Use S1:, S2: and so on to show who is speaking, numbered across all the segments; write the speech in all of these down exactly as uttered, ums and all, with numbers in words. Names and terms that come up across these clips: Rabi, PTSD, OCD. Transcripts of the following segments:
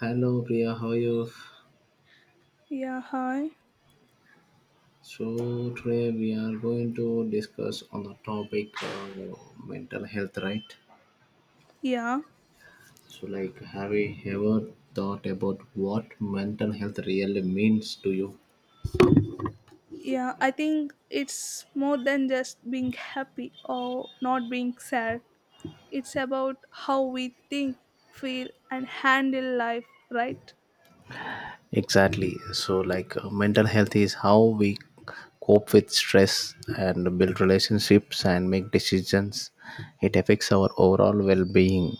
S1: Hello Priya, how are you?
S2: Yeah, hi.
S1: So today we are going to discuss on the topic uh, mental health, right?
S2: Yeah,
S1: So like, have you ever thought about what mental health really means to you?
S2: yeah. I think it's more than just being happy or not being sad. It's about how we think, feel, and handle life, right?
S1: Exactly. So like, uh, mental health is how we cope with stress and build relationships and make decisions. It affects our overall well-being.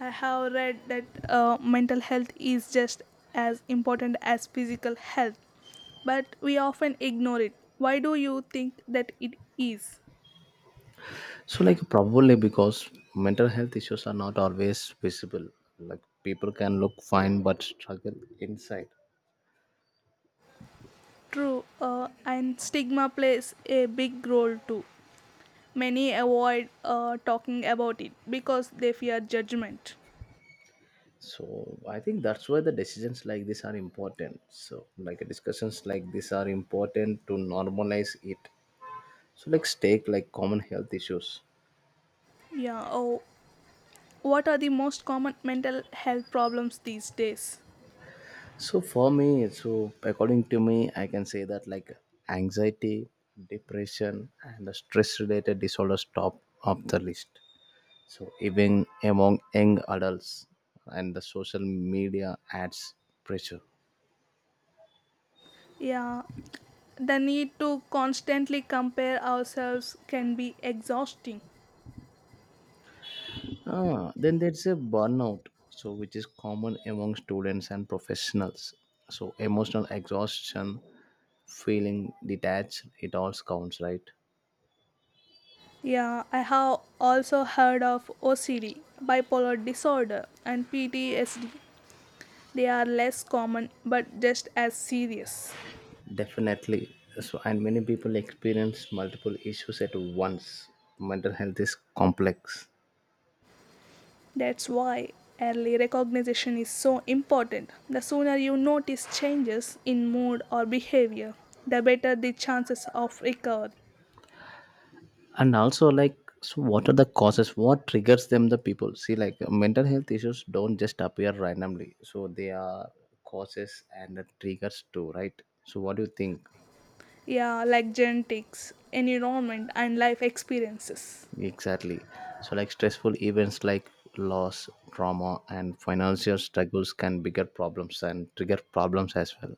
S2: I have read that uh, mental health is just as important as physical health, but we often ignore it. Why do you think that it is?
S1: So, like, probably because mental health issues are not always visible. Like, people can look fine but struggle inside.
S2: True, uh, and stigma plays a big role too. Many avoid uh, talking about it because they fear judgment.
S1: So, I think that's why the decisions like this are important. So, like, discussions like this are important to normalize it. So, let's take like common health issues.
S2: Yeah. Oh, what are the most common mental health problems these days?
S1: So, for me, so according to me, I can say that like anxiety, depression, and stress related disorders top of the list, so even among young adults and the social media adds pressure.
S2: Yeah. The need to constantly compare ourselves can be exhausting.
S1: Ah, then there's a burnout, so which is common among students and professionals. So emotional exhaustion, feeling detached, it all counts, right?
S2: Yeah, I have also heard of O C D, bipolar disorder, and P T S D. They are less common but just as serious.
S1: Definitely, so and many people experience multiple issues at once. Mental health is complex.
S2: That's why early recognition is so important. The sooner you notice changes in mood or behavior, the better the chances of recovery.
S1: And also like, so what are the causes, what triggers them, the people see like mental health issues don't just appear randomly, so they are causes and the triggers too, right? So what do you think?
S2: Yeah, like genetics, environment, and life experiences.
S1: Exactly. So like stressful events like loss, trauma, and financial struggles can bigger problems and trigger problems as well.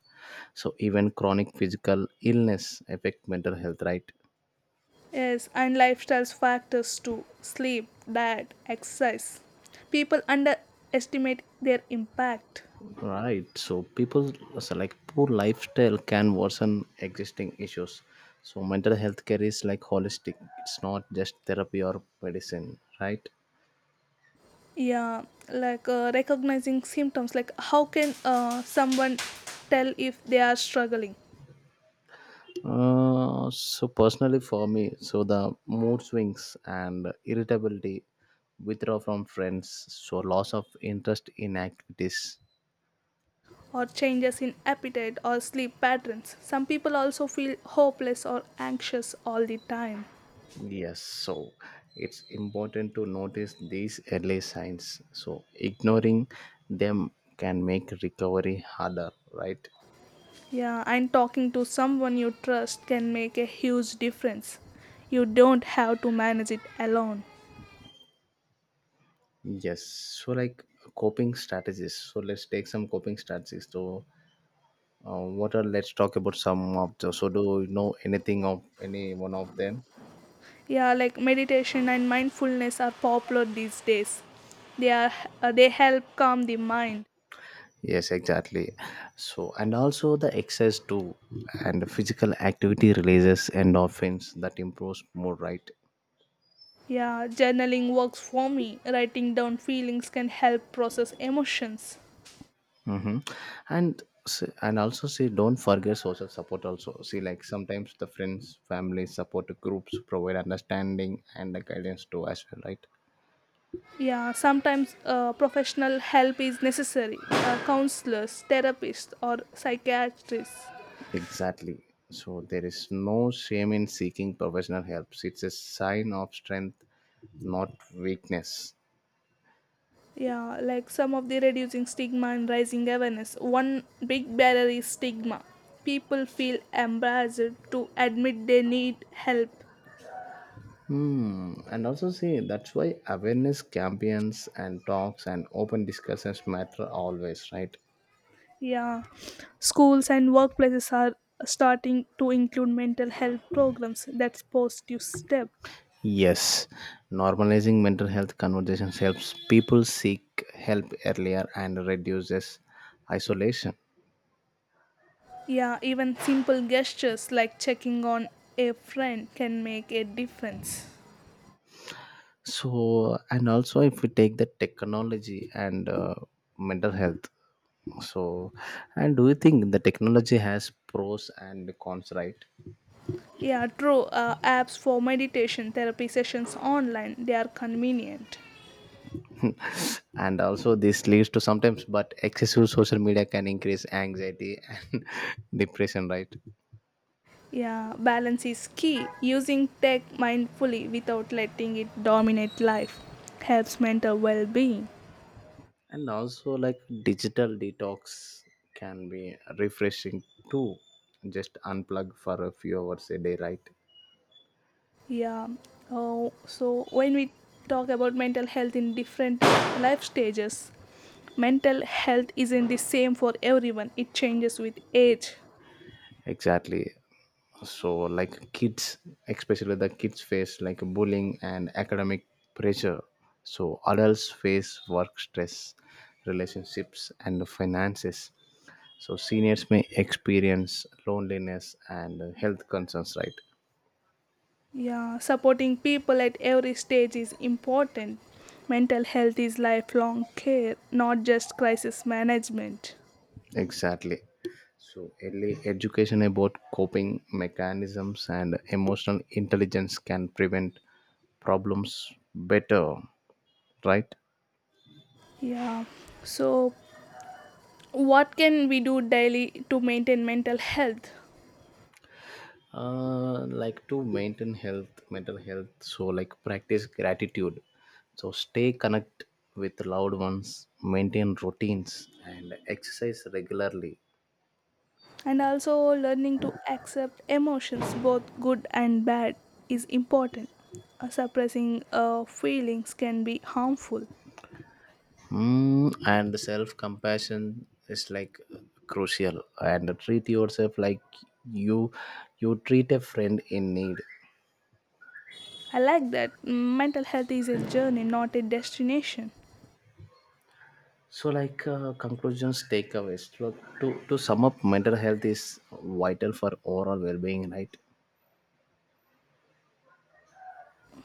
S1: So even chronic physical illness affect mental health, right?
S2: Yes, and lifestyle factors too: sleep, diet, exercise. People underestimate their impact.
S1: Right. So people so like poor lifestyle can worsen existing issues. So mental health care is like holistic. It's not just therapy or medicine, right?
S2: Yeah, like uh, recognizing symptoms, like how can uh, someone tell if they are struggling?
S1: Uh, so personally for me, so the mood swings and irritability, withdrawal from friends, so loss of interest in activities.
S2: Or changes in appetite or sleep patterns. Some people also feel hopeless or anxious all the time.
S1: Yes, so it's important to notice these early signs. So ignoring them can make recovery harder, right?
S2: Yeah, and talking to someone you trust can make a huge difference. You don't have to manage it alone.
S1: Yes. So, like coping strategies. So, let's take some coping strategies. So, uh, what are let's talk about some of the. So, do you know anything of any one of them?
S2: Yeah, like meditation and mindfulness are popular these days. They are uh, they help calm the mind.
S1: Yes, exactly. So, and also the exercise too, and the physical activity releases endorphins that improves mood, right?
S2: Yeah, journaling works for me. Writing down feelings can help process emotions.
S1: Mm-hmm. And s- and also say don't forget social support. Also, see like sometimes the friends, family, support groups provide understanding and the guidance too as well, right?
S2: Yeah, sometimes uh, professional help is necessary. Uh, counselors, therapists, or psychiatrists.
S1: Exactly. So there is no shame in seeking professional help. It's a sign of strength, not weakness.
S2: Yeah, like some of the reducing stigma and raising awareness. One big barrier is stigma. People feel embarrassed to admit they need help.
S1: Hmm. And also see that's why awareness campaigns and talks and open discussions matter always, right?
S2: Yeah, schools and workplaces are starting to include mental health programs. That's positive step.
S1: Yes. Normalizing mental health conversations helps people seek help earlier and reduces isolation.
S2: Yeah, even simple gestures like checking on a friend can make a difference.
S1: So and also if we take the technology and uh, mental health. So and do you think the technology has pros and cons, right?
S2: Yeah, true. Uh, apps for meditation therapy sessions online, they are convenient.
S1: And also this leads to sometimes but excessive social media can increase anxiety and depression, right?
S2: Yeah, balance is key. Using tech mindfully without letting it dominate life helps mental well being.
S1: And also like digital detox can be refreshing too, just unplug for a few hours a day, right?
S2: Yeah, oh, so when we talk about mental health in different life stages, mental health isn't the same for everyone, it changes with age.
S1: Exactly. So like kids, especially the kids face like bullying and academic pressure. So adults face work stress, relationships, and finances. So seniors may experience loneliness and uh, health concerns, right?
S2: Yeah, supporting people at every stage is important. Mental health is lifelong care, not just crisis management.
S1: Exactly. So early education about coping mechanisms and emotional intelligence can prevent problems better, right?
S2: Yeah, so what can we do daily to maintain mental health?
S1: Uh like to maintain health mental health, so like practice gratitude, so stay connect with loved ones, maintain routines, and exercise regularly.
S2: And also, learning to accept emotions, both good and bad, is important. Uh, suppressing uh, feelings can be harmful.
S1: Mm, and self compassion is like crucial, and treat yourself like you you treat a friend in need.
S2: I like that. Mental health is a journey, not a destination.
S1: So like uh, conclusions takeaways, so to to sum up mental health is vital for overall well-being, right?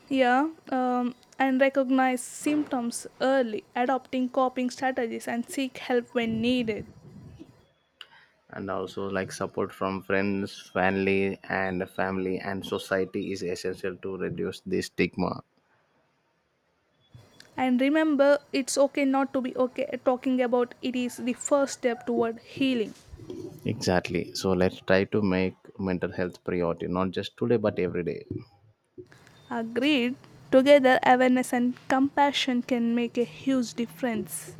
S2: Yeah, um, and recognize symptoms early, adopting coping strategies, and seek help when needed.
S1: And also like support from friends, family and family, and society is essential to reduce the stigma.
S2: And remember, it's okay not to be okay. Talking about it is the first step toward healing.
S1: Exactly. So let's try to make mental health priority not just today but every day.
S2: Agreed? Together, awareness and compassion can make a huge difference.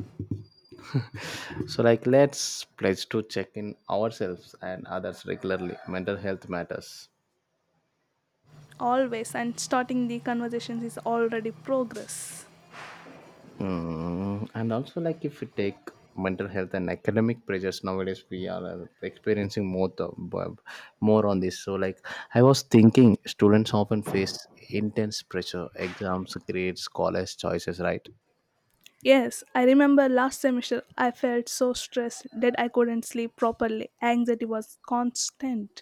S1: So like let's pledge to check in ourselves and others regularly. Mental health matters.
S2: Always, and starting the conversations is already progress.
S1: Mm, and also, like if you take mental health and academic pressures nowadays, we are uh, experiencing more the bu- more on this. So, like I was thinking, students often face intense pressure, exams, grades, college choices, right?
S2: Yes, I remember last semester I felt so stressed that I couldn't sleep properly. Anxiety was constant.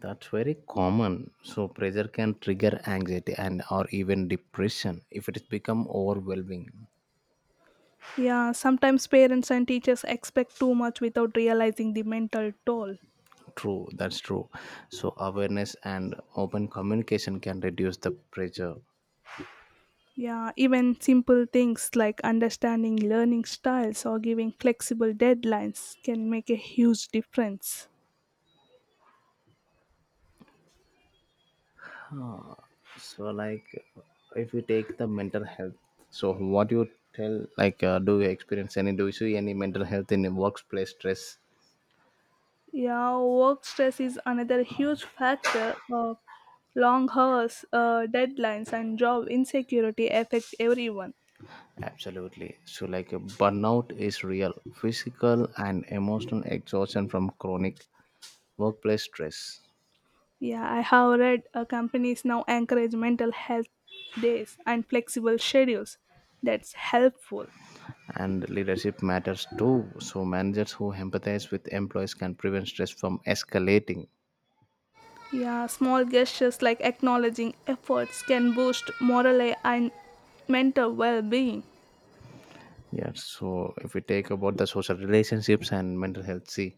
S1: That's very common. So pressure can trigger anxiety and or even depression if it has become overwhelming.
S2: Yeah, sometimes parents and teachers expect too much without realizing the mental toll.
S1: True, that's true. So awareness and open communication can reduce the pressure.
S2: Yeah, even simple things like understanding learning styles or giving flexible deadlines can make a huge difference.
S1: So like if you take the mental health, so what you tell like uh, do you experience any do you see any mental health in the workplace stress?
S2: Yeah, work stress is another huge factor. Uh, long hours, uh, deadlines, and job insecurity affect everyone.
S1: Absolutely. So like uh, burnout is real physical and emotional exhaustion from chronic workplace stress.
S2: Yeah, I have read uh, companies now encourage mental health days and flexible schedules. That's helpful.
S1: And leadership matters too, so managers who empathize with employees can prevent stress from escalating.
S2: Yeah, small gestures like acknowledging efforts can boost morale and mental well being.
S1: Yeah, so if we take about the social relationships and mental health, see,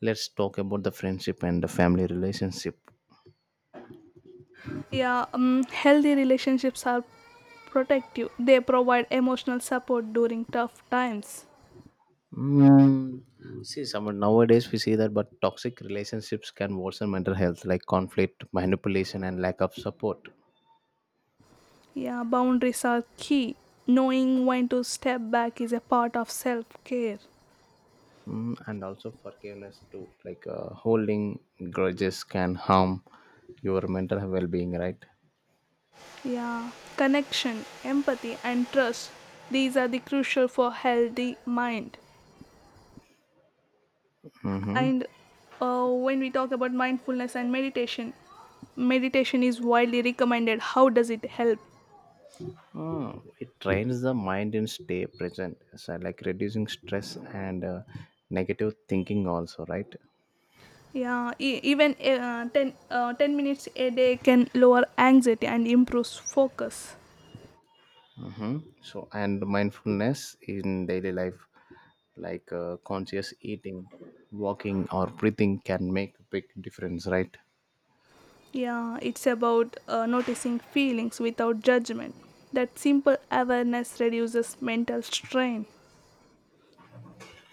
S1: let's talk about the friendship and the family relationship.
S2: Yeah, um, healthy relationships are protective, they provide emotional support during tough times.
S1: Mm, see, someone nowadays we see that, but toxic relationships can worsen mental health, like conflict, manipulation, and lack of support.
S2: Yeah, boundaries are key. Knowing when to step back is a part of self care.
S1: Mm, and also forgiveness too, like uh, holding grudges can harm your mental well-being, right?
S2: Yeah, connection, empathy, and trust. These are the crucial for healthy mind.
S1: Mm-hmm.
S2: And uh, when we talk about mindfulness and meditation, meditation is widely recommended. How does it help?
S1: Mm, it trains the mind and stay present. So like reducing stress and uh, negative thinking also, right?
S2: Yeah, e- even uh, 10, uh, ten minutes a day can lower anxiety and improves focus.
S1: Hmm. So and mindfulness in daily life, like uh, conscious eating, walking or breathing can make a big difference, right?
S2: Yeah, it's about uh, noticing feelings without judgment. That simple awareness reduces mental strain.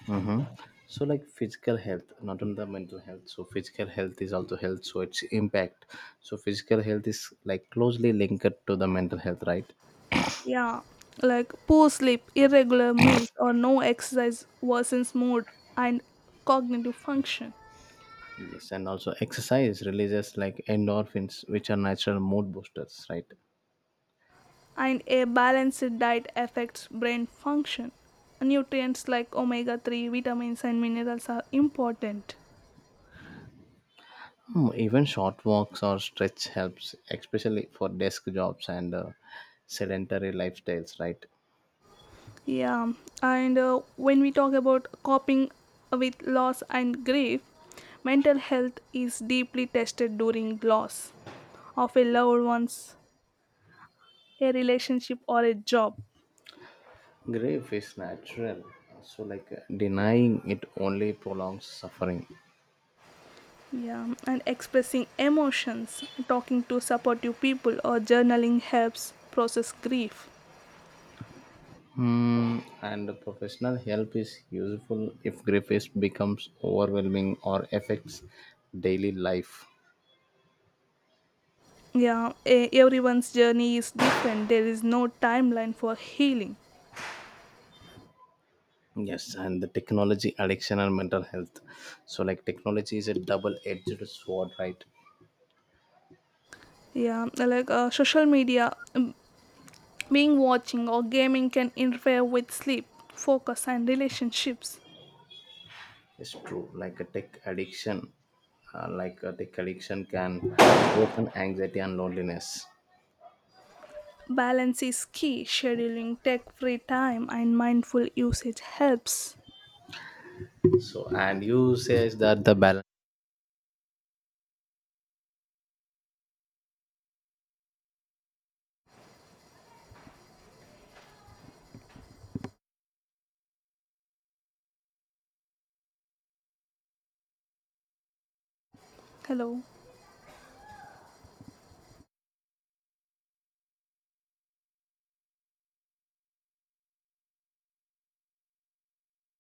S1: Mm-hmm. So, like physical health, not only the mental health. So, physical health is also health, so its impact. So, physical health is like closely linked to the mental health, right?
S2: Yeah, like poor sleep, irregular meals, or no exercise worsens mood and cognitive function.
S1: Yes, and also exercise releases like endorphins, which are natural mood boosters, right?
S2: And a balanced diet affects brain function. Nutrients like omega three, vitamins, and minerals are important.
S1: Hmm. Even short walks or stretch helps, especially for desk jobs and uh, sedentary lifestyles, right?
S2: Yeah, and uh, when we talk about coping with loss and grief, mental health is deeply tested during loss of a loved one's, a relationship, or a job.
S1: Grief is natural, so like uh, denying it only prolongs suffering.
S2: Yeah, and expressing emotions, talking to supportive people, or journaling helps process grief.
S1: Hmm, and professional help is useful if grief is becomes overwhelming or affects daily life.
S2: Yeah, e- everyone's journey is different. There is no timeline for healing.
S1: Yes, and the technology addiction and mental health. So, like, technology is a double edged sword, right?
S2: Yeah, like uh, social media, um, being watching or gaming can interfere with sleep, focus, and relationships.
S1: It's true. Like, a tech addiction, uh, like, a tech addiction can worsen anxiety and loneliness.
S2: Balance is key. Scheduling tech free time and mindful usage helps.
S1: So, and you says that the balance.
S2: Hello.